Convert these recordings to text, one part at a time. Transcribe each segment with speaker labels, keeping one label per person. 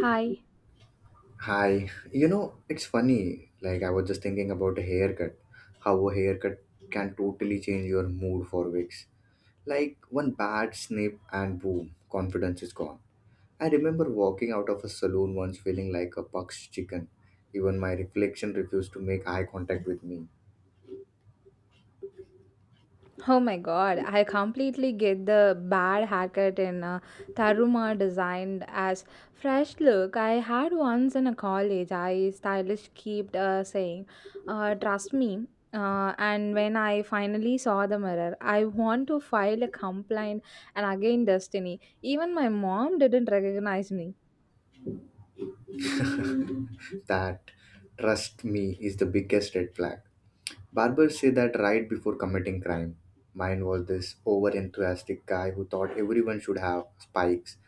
Speaker 1: Hi.
Speaker 2: Hi, it's funny. Like, I was just thinking about a haircut. How a haircut can totally change your mood for weeks. Like, one bad snip and boom, confidence is gone. I remember walking out of a saloon once feeling like a puck's chicken. Even my reflection refused to make eye contact with me.
Speaker 1: Oh my god, I completely get the bad haircut in Taruma designed as fresh look. I had once in a college. I stylist kept saying, trust me. And when I finally saw the mirror, I want to file a complaint and again destiny. Even my mom didn't recognize me.
Speaker 2: That, trust me, is the biggest red flag. Barbers say that right before committing crime. Mine was this over enthusiastic guy who thought everyone should have spikes.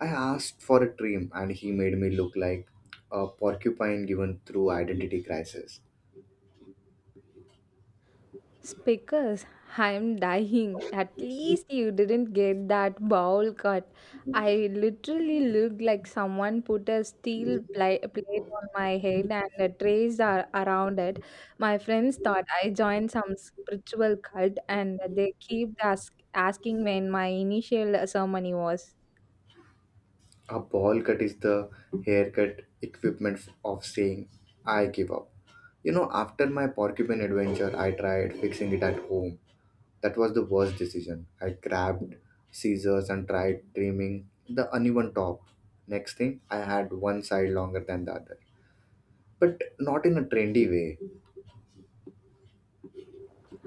Speaker 2: I asked for a trim and he made me look like a porcupine given through identity crisis.
Speaker 1: Speakers, I'm dying. At least you didn't get that bowl cut. I literally looked like someone put a steel plate on my head and a trace around it. My friends thought I joined some spiritual cult and they keep asking when my initial ceremony was.
Speaker 2: A ball cut is the haircut equipment of saying I give up. After my porcupine adventure, I tried fixing it at home. That was the worst decision. I grabbed scissors and tried trimming the uneven top. Next thing, I had one side longer than the other, but not in a trendy way.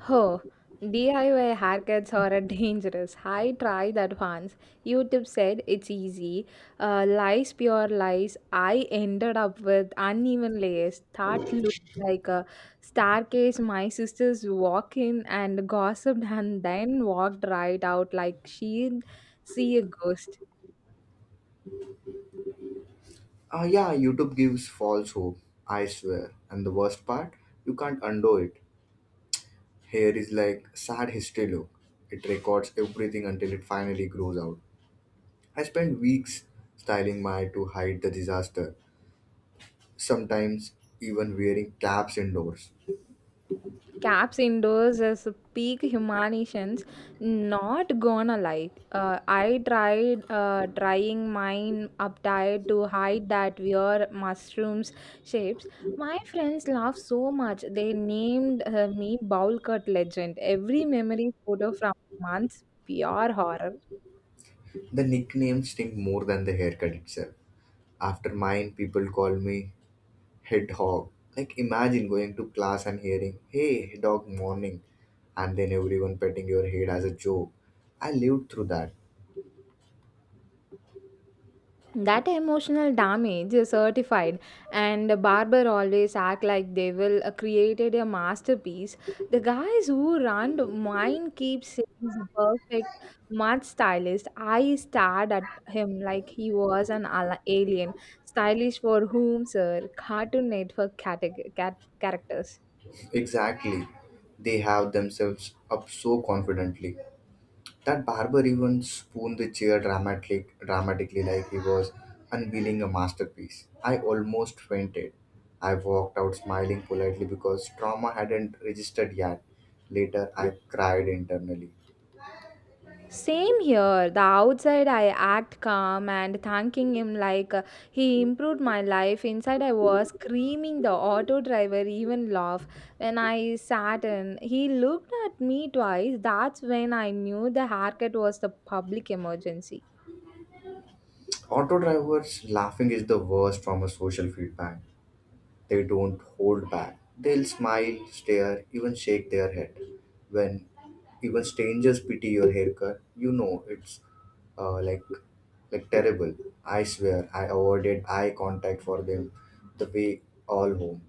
Speaker 1: Oh, DIY haircuts are a dangerous. I tried that once. YouTube said it's easy. Lies, pure lies. I ended up with uneven layers that looked like a staircase. My sisters walked in and gossiped and then walked right out like she'd see a ghost.
Speaker 2: Ah, yeah, YouTube gives false hope, I swear. And the worst part, you can't undo it. Here is like sad history look. It records everything until it finally grows out. I spent weeks styling my to hide the disaster. Sometimes even wearing caps indoors.
Speaker 1: Caps indoors is peak humanitions. Not gonna lie, I tried drying mine uptight to hide that weird mushrooms shapes. My friends laughed so much they named me bowl cut legend. Every memory photo from months pure horror.
Speaker 2: The nicknames sting more than the haircut itself. After mine, people call me hedgehog. Like imagine going to class and hearing, "Hey, hedgehog morning," and then everyone petting your head as a joke. I lived through that.
Speaker 1: That emotional damage is certified, and barber always act like they will created a masterpiece. The guys who run mine keep saying the perfect mud stylist. I stared at him like he was an alien stylish for whom sir Cartoon Network characters.
Speaker 2: Exactly. They have themselves up so confidently. That barber even spooned the chair dramatically like he was unveiling a masterpiece. I almost fainted. I walked out smiling politely because trauma hadn't registered yet. Later, I cried internally.
Speaker 1: Same here. The outside I act calm and thanking him like he improved my life. Inside I was screaming. The auto driver even laugh when I sat in. He looked at me twice. That's when I knew the haircut was the public emergency.
Speaker 2: Auto drivers laughing is the worst form of social feedback. They don't hold back. They'll smile, stare, even shake their head. When even strangers pity your haircut, you know it's uh, like like terrible. I swear, I avoided eye contact for them the way all home.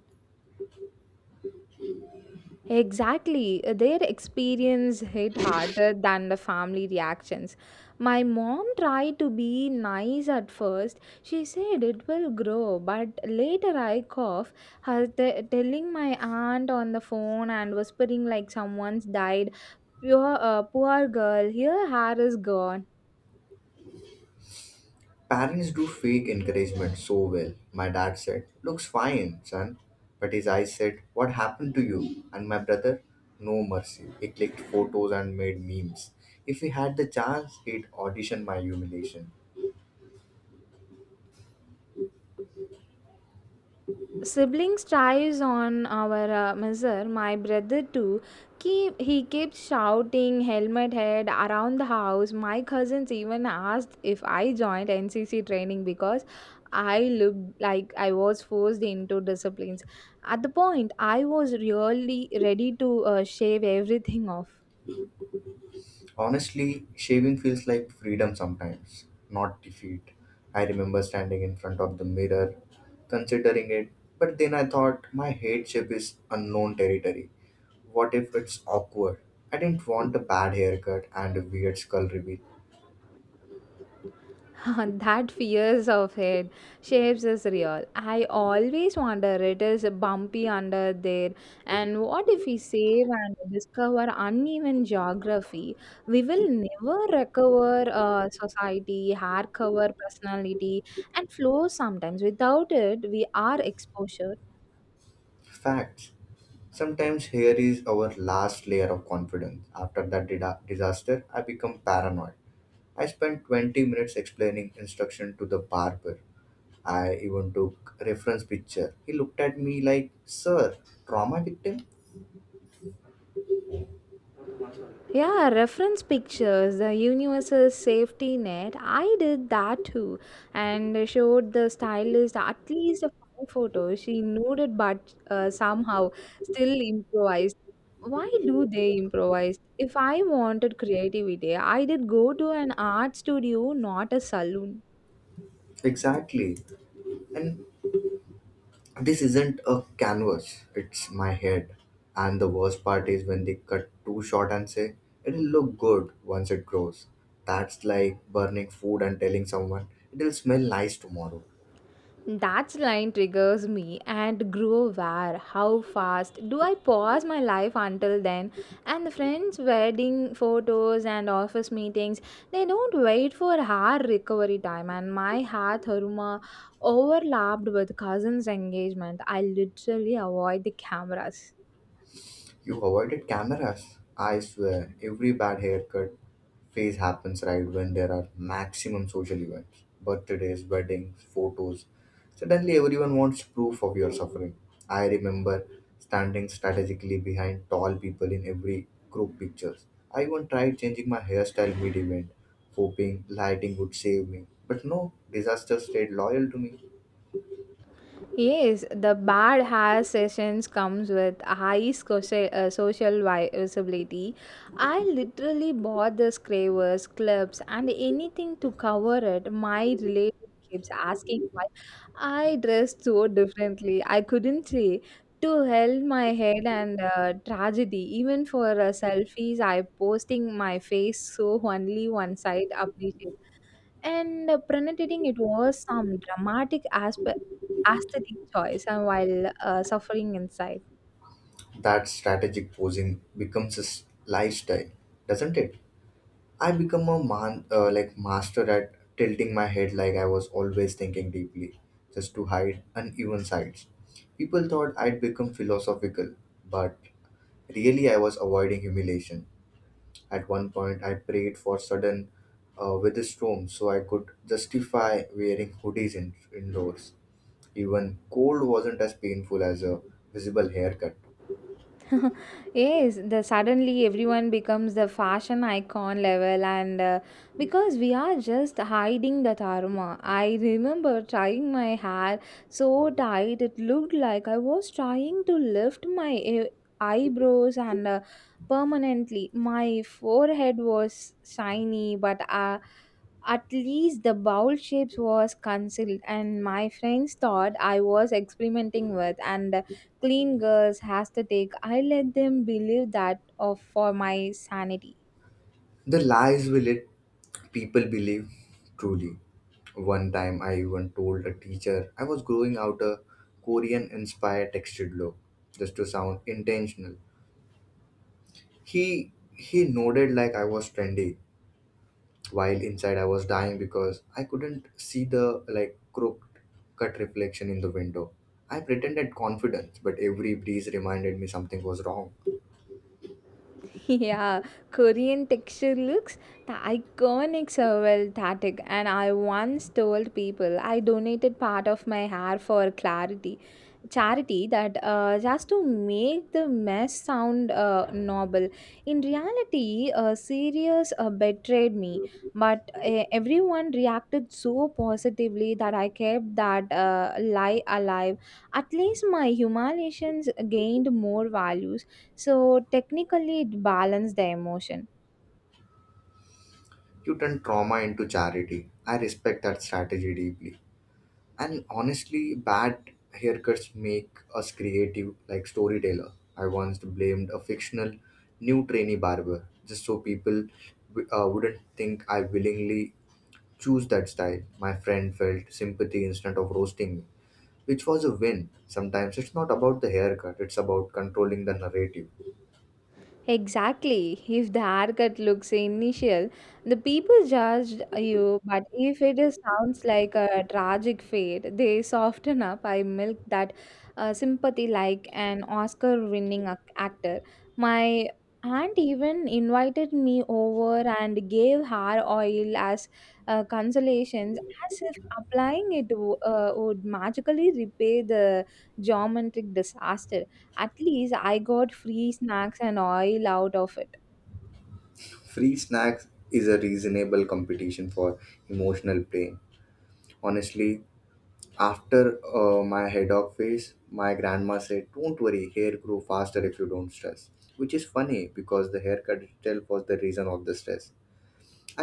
Speaker 1: Exactly. Their experience hit harder than the family reactions. My mom tried to be nice at first. She said it will grow, but later I cough, her telling my aunt on the phone and whispering like someone's died. Pure, poor girl, her hair is gone.
Speaker 2: Parents do fake encouragement so well. My dad said, "Looks fine, son." But his eyes said, "What happened to you?" And my brother, no mercy. He clicked photos and made memes. If he had the chance, he'd audition my humiliation.
Speaker 1: Siblings tries on our measure. My brother too keep, he keeps shouting helmet head around the house. My cousins even asked if I joined NCC training because I looked like I was forced into disciplines. At the point I was really ready to shave everything off.
Speaker 2: Honestly, shaving feels like freedom sometimes, not defeat. I remember standing in front of the mirror, considering it, but then I thought my head shape is unknown territory. What if it's awkward? I didn't want a bad haircut and a weird skull reveal.
Speaker 1: That fears of it shapes is real. I always wonder it is bumpy under there, and what if we save and discover uneven geography? We will never recover society, hard cover personality, and flow. Sometimes without it, we are exposure.
Speaker 2: Facts. Sometimes hair is our last layer of confidence. After that disaster, I become paranoid. I spent 20 minutes explaining instruction to the barber. I even took reference picture. He looked at me like, "Sir, trauma victim?"
Speaker 1: Yeah, reference pictures, the universal safety net. I did that too and showed the stylist at least a five photos. She knew it, but somehow still improvised. Why do they improvise? If I wanted creativity, I did go to an art studio, not a saloon.
Speaker 2: Exactly. And this isn't a canvas, it's my head. And the worst part is when they cut too short and say it'll look good once it grows. That's like burning food and telling someone it'll smell nice tomorrow.
Speaker 1: That line triggers me and grow aware how fast do I pause my life until then, and the friends wedding photos and office meetings. They don't wait for our recovery time, and my heart haruma overlapped with cousins engagement. I literally avoid the cameras.
Speaker 2: You avoided cameras. I swear, every bad haircut phase happens right when there are maximum social events, birthdays, weddings, photos. Suddenly, everyone wants proof of your suffering. I remember standing strategically behind tall people in every group pictures. I even tried changing my hairstyle mid event, hoping lighting would save me. But no, disaster stayed loyal to me.
Speaker 1: Yes, the bad hair sessions comes with high social, social visibility. I literally bought the scrapers, clips, and anything to cover it. My relative keeps asking why I dressed so differently. I couldn't say to hell my head and tragedy. Even for selfies, I posting my face so only one side appreciated. And prenating it was some dramatic aspe aesthetic choice and while suffering inside.
Speaker 2: That strategic posing becomes a lifestyle, doesn't it? I become a man, like master at tilting my head like I was always thinking deeply, just to hide uneven sides. People thought I'd become philosophical, but really I was avoiding humiliation. At one point, I prayed for sudden storm, so I could justify wearing hoodies indoors. Even cold wasn't as painful as a visible haircut.
Speaker 1: Yes, the suddenly everyone becomes the fashion icon level and because we are just hiding the dharma. I remember trying my hair so tight it looked like I was trying to lift my eyebrows and permanently my forehead was shiny, but at least the bowl shapes was cancelled, and my friends thought I was experimenting with and clean girls has to take. I let them believe that of for my sanity.
Speaker 2: The lies we let people believe truly. One time I even told a teacher I was growing out a Korean inspired textured look just to sound intentional. He nodded like I was trendy while inside I was dying because I couldn't see the like crooked cut reflection in the window. I pretended confidence, but every breeze reminded me something was wrong.
Speaker 1: Yeah, Korean texture looks the iconic well static, and I once told people I donated part of my hair for clarity charity that just to make the mess sound noble. In reality, serious betrayed me, but everyone reacted so positively that I kept that lie alive. At least my humiliations gained more values, so technically it balanced the emotion.
Speaker 2: You turn trauma into charity. I respect that strategy deeply. And honestly, bad haircuts make us creative, like storyteller. I once blamed a fictional new trainee barber just so people wouldn't think I willingly choose that style. My friend felt sympathy instead of roasting me, which was a win. Sometimes it's not about the haircut; it's about controlling the narrative.
Speaker 1: Exactly. If the haircut looks initial, the people judged you, but if it sounds like a tragic fate, they soften up. I milk that sympathy like an Oscar winning actor. My aunt even invited me over and gave hair oil as consolations, as if applying it would magically repay the geometric disaster. At least I got free snacks and oil out of it.
Speaker 2: Free snacks is a reasonable competition for emotional pain. Honestly, after my head off phase, my grandma said, "Don't worry, hair grow faster if you don't stress." Which is funny because the haircut itself was the reason of the stress.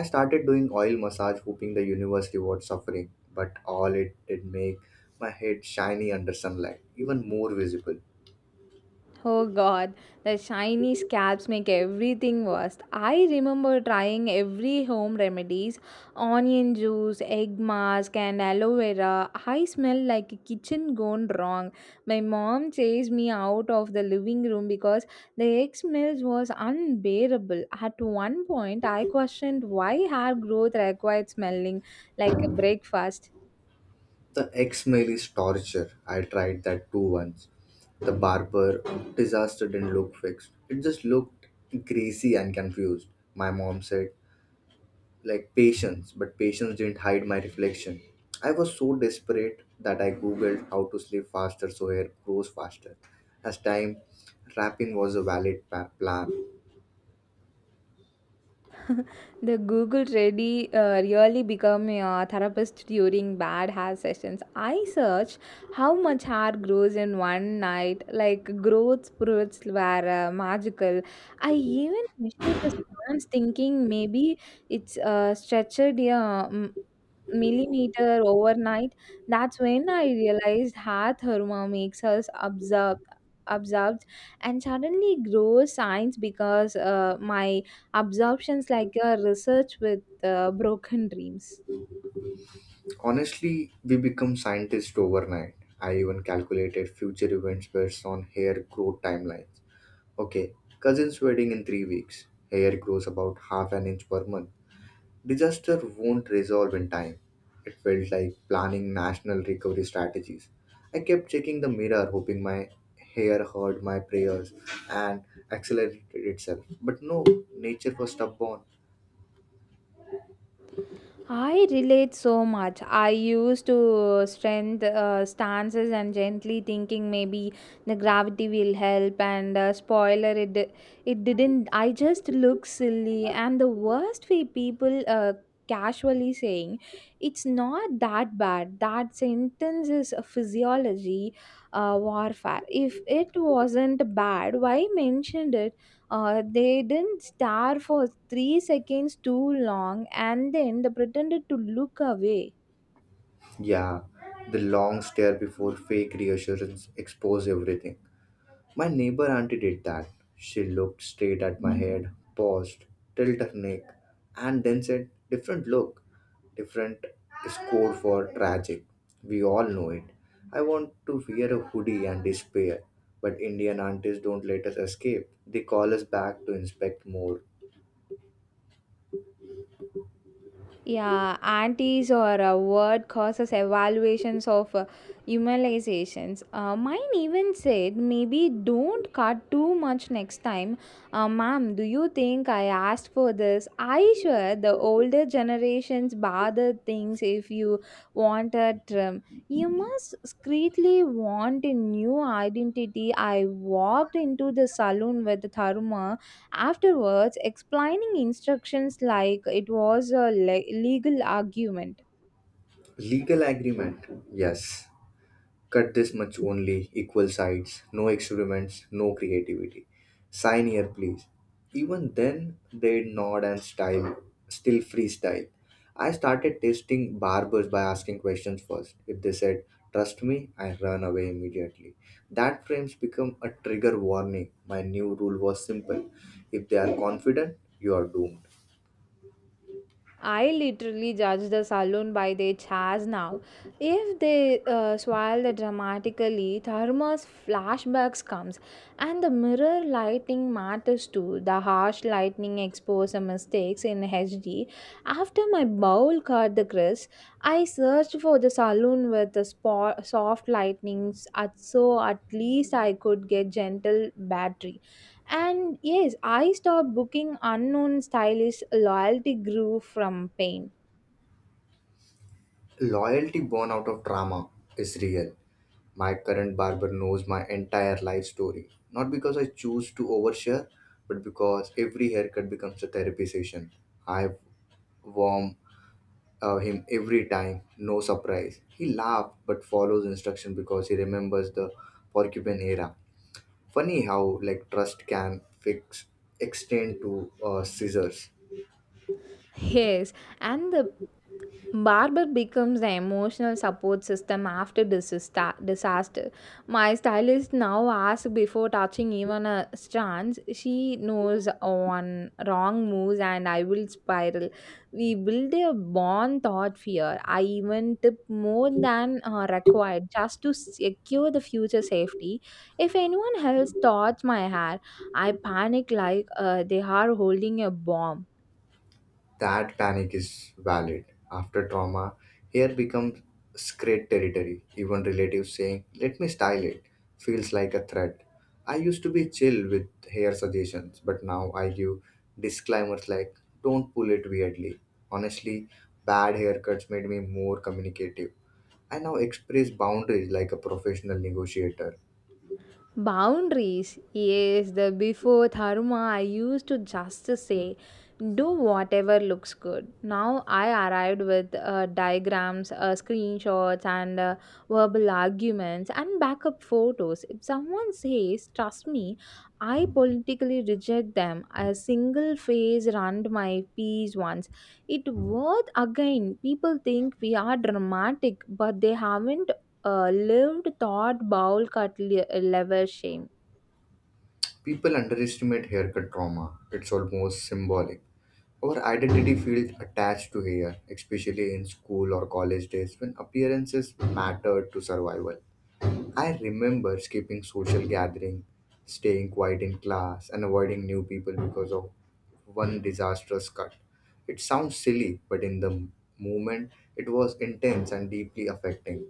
Speaker 2: I started doing oil massage hoping the universe rewards suffering, but all it did make my head shiny under sunlight, even more visible.
Speaker 1: Oh god, the shiny scalps make everything worse. I remember trying every home remedies, onion juice, egg mask and aloe vera. I smell like a kitchen gone wrong. My mom chased me out of the living room because the egg smells was unbearable. At one point I questioned why hair growth required smelling like a breakfast.
Speaker 2: The ex-mail is torture. I tried that too once. The barber disaster didn't look fixed. It just looked greasy and confused. My mom said, like patience, but patience didn't hide my reflection. I was so desperate that I googled how to sleep faster so hair grows faster. As time, wrapping was a valid plan.
Speaker 1: The Google ready really become a therapist during bad hair sessions. I search how much hair grows in one night, like growth spurts were magical. I even measured the strands, thinking maybe it's stretched a millimeter overnight. That's when I realized how therma makes us observed and suddenly grows science because my absorptions like a research with broken dreams.
Speaker 2: Honestly, we become scientists overnight. I even calculated future events based on hair growth timelines. Okay, cousin's wedding in 3 weeks. Hair grows about half an inch per month. Disaster won't resolve in time. It felt like planning national recovery strategies. I kept checking the mirror, hoping my hair heard my prayers and accelerated itself. But no, nature was stubborn.
Speaker 1: I relate so much. I used to strength stances and gently thinking maybe the gravity will help and spoiler it it didn't. I just look silly, and the worst way people casually saying it's not that bad. That sentence is a physiology warfare. If it wasn't bad, why mentioned it? They didn't stare for three seconds too long and then they pretended to look away.
Speaker 2: Yeah, the long stare before fake reassurance exposed everything. My neighbor auntie did that. She looked straight at my head, paused, tilted her neck, and then said, "Different look." Different is code for tragic. We all know it. I want to wear a hoodie and despair, but Indian aunties don't let us escape. They call us back to inspect more.
Speaker 1: Yeah, antis or a word causes evaluations of humanizations. Mine even said, maybe don't cut too much next time. Ma'am, do you think I asked for this? I sure the older generations bother things if you want a trim. You must discreetly want a new identity. I walked into the saloon with Tharuma afterwards explaining instructions like it was a legal argument.
Speaker 2: Legal agreement, yes, cut this much only, equal sides, no experiments, no creativity. Sign here, please. Even then, they nod and style, still freestyle. I started testing barbers by asking questions first. If they said, "trust me," I run away immediately. That frames become a trigger warning. My new rule was simple. If they are confident, you are doomed.
Speaker 1: I literally judge the saloon by their chairs now. If they swirl the dramatically, thermos flashbacks comes, and the mirror lighting matters too. The harsh lighting expose mistakes in HD. After my bowl cut the crisp, I searched for the saloon with the soft lightnings, at so at least I could get gentle battery. And yes, I stopped booking unknown stylists. Loyalty grew from pain.
Speaker 2: Loyalty born out of drama is real. My current barber knows my entire life story, not because I choose to overshare, but because every haircut becomes a therapy session. I warm him every time, no surprise. He laughs but follows instruction because he remembers the porcupine era. Funny how like trust can fix extend to scissors.
Speaker 1: Yes, and the Barber becomes the emotional support system after disaster. My stylist now asks before touching even a strands. She knows on wrong moves and I will spiral. We build a bond thought fear. I even tip more than required just to secure the future safety. If anyone else touches my hair, I panic like they are holding a bomb.
Speaker 2: That panic is valid. After trauma, hair becomes sacred territory. Even relatives saying, "let me style it," feels like a threat. I used to be chill with hair suggestions, but now I give disclaimers like, "don't pull it weirdly." Honestly, bad haircuts made me more communicative. I now express boundaries like a professional negotiator.
Speaker 1: Boundaries. Yes, the before Dharma, I used to just say, do whatever looks good. Now I arrived with diagrams, screenshots, and verbal arguments and backup photos. If someone says, trust me, I politically reject them. A single phase ruined my peace once. It worth again. People think we are dramatic, but they haven't lived thought Baul cut lever shame.
Speaker 2: People underestimate haircut trauma, it's almost symbolic. Our identity feels attached to here, especially in school or college days when appearances mattered to survival. I remember skipping social gathering, staying quiet in class, and avoiding new people because of one disastrous cut. It sounds silly, but in the moment, it was intense and deeply affecting.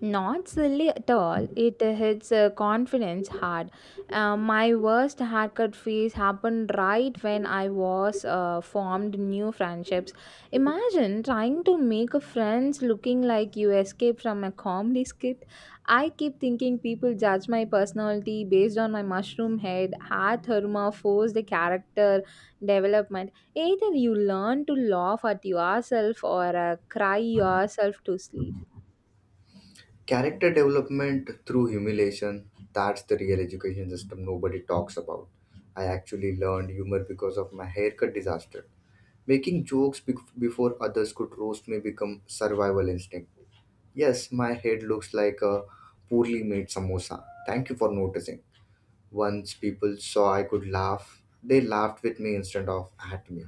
Speaker 1: Not silly at all. It hits confidence hard. My worst haircut phase happened right when I was formed new friendships. Imagine trying to make a friends looking like you escaped from a comedy skit. I keep thinking people judge my personality based on my mushroom head, hair therma, forced character development. Either you learn to laugh at yourself or cry yourself to sleep.
Speaker 2: Character development through humiliation, that's the real education system nobody talks about. I actually learned humor because of my haircut disaster. Making jokes before others could roast may become survival instinct. Yes, my head looks like a poorly made samosa. Thank you for noticing. Once people saw I could laugh, they laughed with me instead of at me.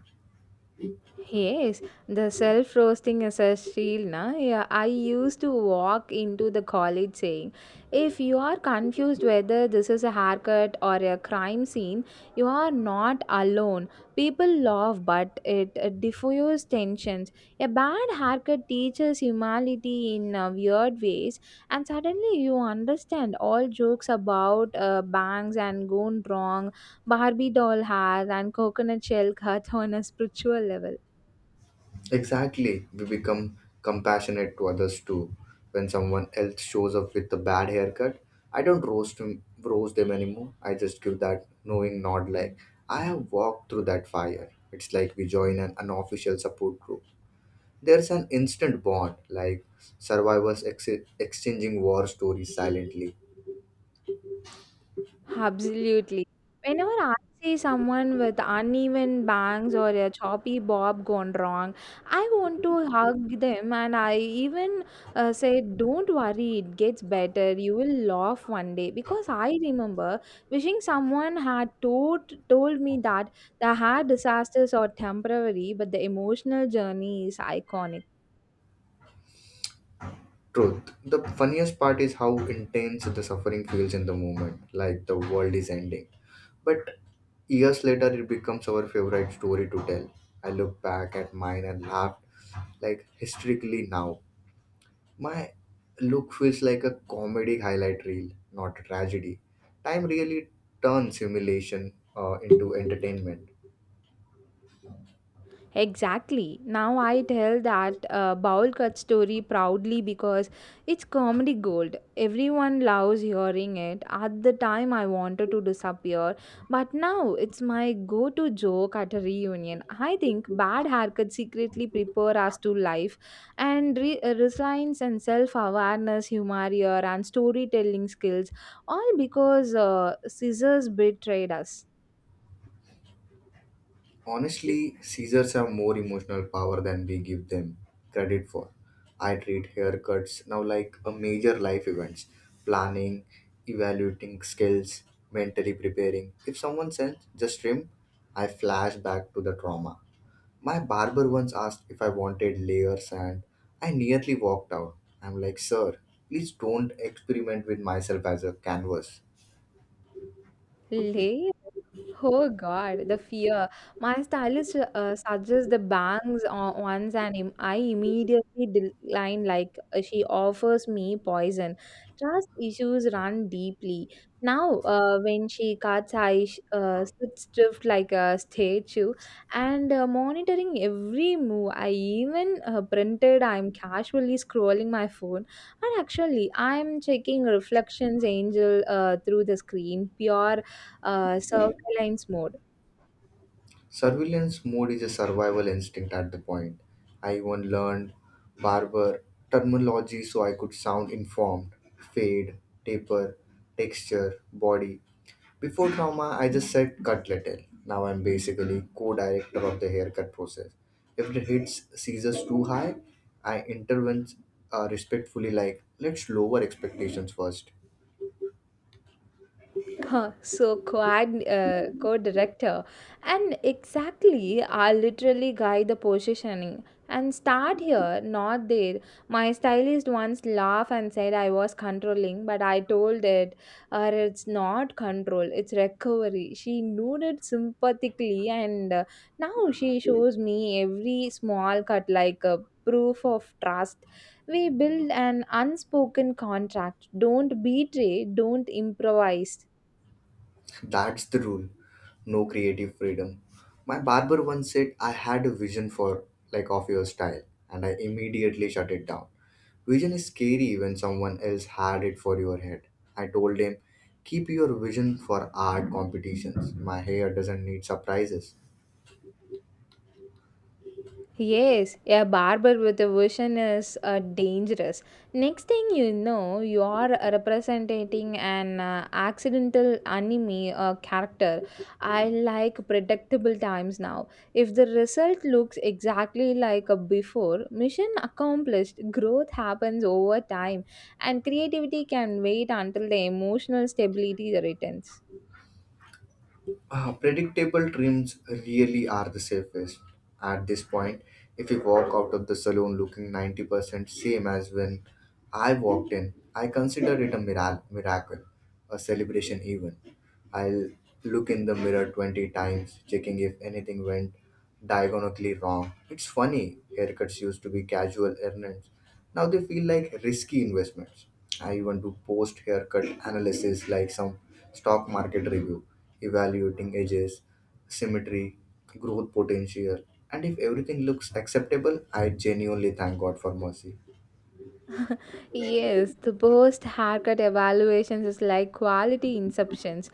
Speaker 1: Yes, the self roasting as a shield. Na? Yeah, I used to walk into the college saying, if you are confused whether this is a haircut or a crime scene, you are not alone. People laugh, but it diffuses tensions. A bad haircut teaches humility in weird ways, and suddenly you understand all jokes about bangs and gone wrong, Barbie doll hair, and coconut shell cut on a spiritual level.
Speaker 2: Exactly, we become compassionate to others too. When someone else shows up with a bad haircut, I don't roast him, roast them anymore. I just give that knowing nod like I have walked through that fire. It's like we join an unofficial support group. There's an instant bond, like survivors exchanging war stories silently.
Speaker 1: Absolutely. Whenever I see someone with uneven bangs or a choppy bob gone wrong, I want to hug them, and I even say, don't worry, it gets better. You will laugh one day. Because I remember wishing someone had told me that the hair disasters are temporary, but the emotional journey is iconic.
Speaker 2: Truth. The funniest part is how intense the suffering feels in the moment, like the world is ending. But years later, it becomes our favorite story to tell. I look back at mine and laugh, like hysterically now. My look feels like a comedy highlight reel, not a tragedy. Time really turns humiliation into entertainment.
Speaker 1: Exactly. Now I tell that bowl cut story proudly because it's comedy gold. Everyone loves hearing it. At the time, I wanted to disappear, but now it's my go to joke at a reunion. I think bad haircuts secretly prepare us to life, and resilience and self awareness, humor, and storytelling skills all because scissors betrayed us
Speaker 2: Honestly, Caesars have more emotional power than we give them credit for. I treat haircuts now like a major life events, planning, evaluating skills, mentally preparing. If someone sends just trim, I flash back to the trauma. My barber once asked if I wanted layers and I nearly walked out. I'm like, "sir, please don't experiment with myself as a canvas."
Speaker 1: late. Oh God, the fear. My stylist suggests the bangs on once, and I immediately decline. Like she offers me poison. Trust issues run deeply. Now, when she cuts, I sit stiff like a statue, and monitoring every move. I even printed. I'm casually scrolling my phone, and actually, I'm checking reflections, angel, through the screen. Pure serve my lines.
Speaker 2: Surveillance mode is a survival instinct at the point. I even learned barber terminology so I could sound informed. Fade, taper, texture, body. Before trauma, I just said cut little. Now I'm basically co-director of the haircut process. If the hits seizures too high, I intervene respectfully like, "let's lower expectations first."
Speaker 1: So co-director, and exactly, I literally guide the positioning and start here not there. My stylist once laughed and said I was controlling, but I told it, it's not control, it's recovery. She nodded sympathetically, and now she shows me every small cut like a proof of trust. We build an unspoken contract, don't betray, don't improvise.
Speaker 2: That's the rule. No creative freedom. My barber once said I had a vision for like of your style and I immediately shut it down. Vision is scary when someone else had it for your head. I told him, "keep your vision for art competitions. My hair doesn't need surprises."
Speaker 1: Yes, a barber with a vision is dangerous. Next thing you know, you are representing an accidental anime character. I like predictable times now. If the result looks exactly like a before, mission accomplished. Growth happens over time, and creativity can wait until the emotional stability returns.
Speaker 2: Predictable trims really are the safest. At this point, if you walk out of the salon looking 90% same as when I walked in, I consider it a miracle, a celebration even. I'll look in the mirror 20 times, checking if anything went diagonally wrong. It's funny, haircuts used to be casual errands. Now they feel like risky investments. I even do post haircut analysis like some stock market review, evaluating edges, symmetry, growth potential, and if everything looks acceptable, I genuinely thank God for mercy.
Speaker 1: Yes, the post haircut evaluations is like quality inceptions.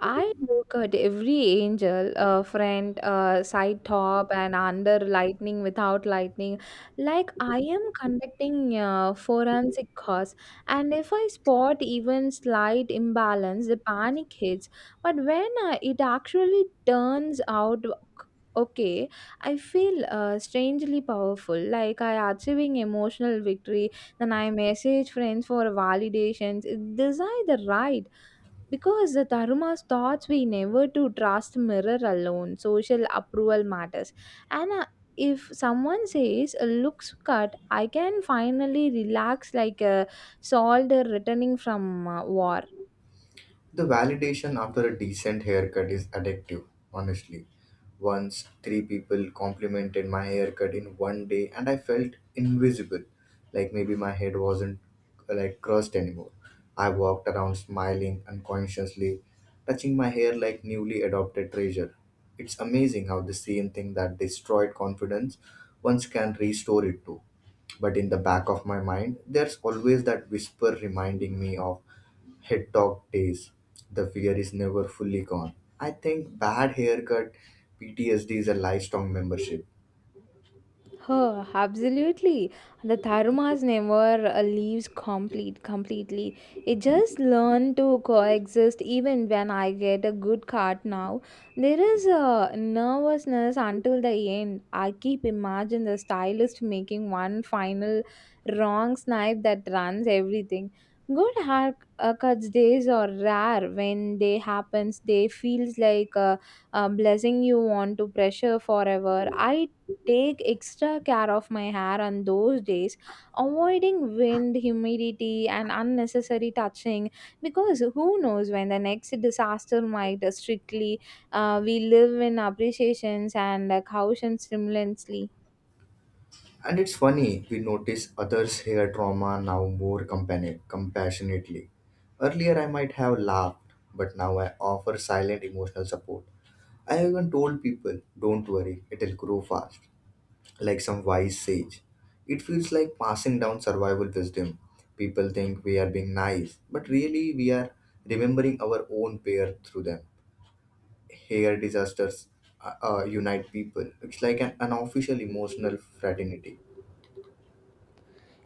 Speaker 1: I look at every angel, friend, side top, and under lightning, without lightning, like I am conducting forensic cause. And if I spot even slight imbalance, the panic hits. But when it actually turns out okay, I feel strangely powerful, like I achieving emotional victory. Then I message friends for validations. These are the right because the Dharma's thoughts we never to trust mirror alone. Social approval matters. And if someone says a looks cut, I can finally relax like a soldier returning from war.
Speaker 2: The validation after a decent haircut is addictive, honestly. Once, three people complimented my haircut in one day, and I felt invisible, like maybe my head wasn't like crushed anymore. I walked around smiling unconsciously, touching my hair like newly adopted treasure. It's amazing how the same thing that destroyed confidence once can restore it to. But in the back of my mind, there's always that whisper reminding me of head talk days. The fear is never fully gone. I think bad haircut PTSD is a lifelong membership.
Speaker 1: Absolutely. The Tharumas never leaves completely. It just learn to coexist even when I get a good card now. There is a nervousness until the end. I keep imagine the stylist making one final wrong snipe that runs everything. Good haircuts days are rare. When they happens, they feels like a blessing you want to pressure forever. I take extra care of my hair on those days, avoiding wind, humidity, and unnecessary touching because who knows when the next disaster might strictly. We live in appreciations and caution simultaneously.
Speaker 2: And it's funny, we notice others' hair trauma now more compassionately. Earlier, I might have laughed, but now I offer silent emotional support. I even told people, "don't worry, it'll grow fast," like some wise sage. It feels like passing down survival wisdom. People think we are being nice, but really we are remembering our own pair through them. Hair disasters unite people. It's like an unofficial emotional fraternity.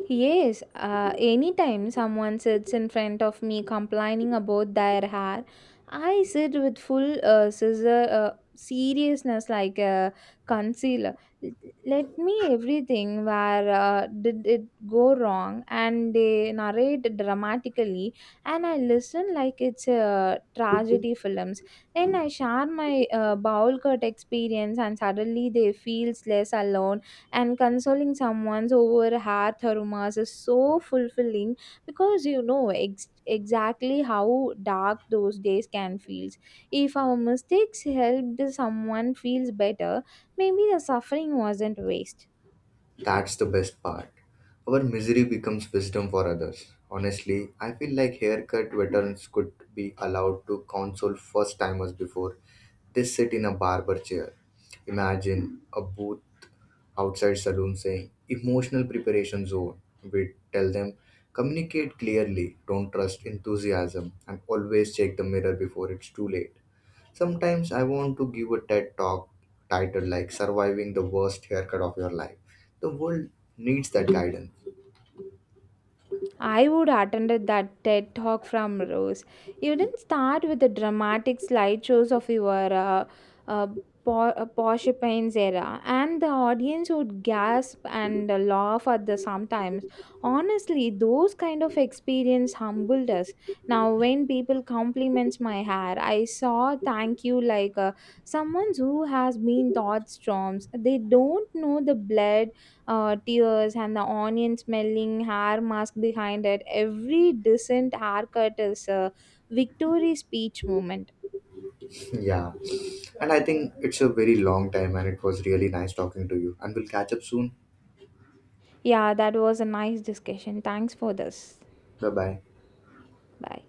Speaker 1: Yes, anytime someone sits in front of me complaining about their hair, I sit with full scissor, seriousness like a concealer. L- Let me everything where did it go wrong, and they narrate dramatically, and I listen like it's a tragedy films. Then I share my bowl cut experience, and suddenly they feels less alone, and consoling someone's over hearth aromas is so fulfilling because you know exactly how dark those days can feel. If our mistakes helped someone feels better, maybe the suffering wasn't waste.
Speaker 2: That's the best part. Our misery becomes wisdom for others. Honestly, I feel like haircut veterans could be allowed to counsel first timers before they sit in a barber chair. Imagine a booth outside saloon saying emotional preparation zone. We tell them, communicate clearly, don't trust enthusiasm, and always check the mirror before it's too late. Sometimes I want to give a TED talk titled like surviving the worst haircut of your life. The world needs that guidance.
Speaker 1: I would attended that TED talk from Rose. You didn't start with the dramatic slideshows of your uh, Porcupines era, and the audience would gasp and laugh at the sometimes. Honestly, those kind of experience humbled us. Now, when people compliments my hair, I saw thank you like someone who has been taught storms. They don't know the blood tears and the onion smelling hair mask behind it. Every decent haircut is a victory speech moment.
Speaker 2: Yeah, and I think it's a very long time, and it was really nice talking to you, and we'll catch up soon.
Speaker 1: Yeah, that was a nice discussion. Thanks for this.
Speaker 2: Bye bye.
Speaker 1: Bye.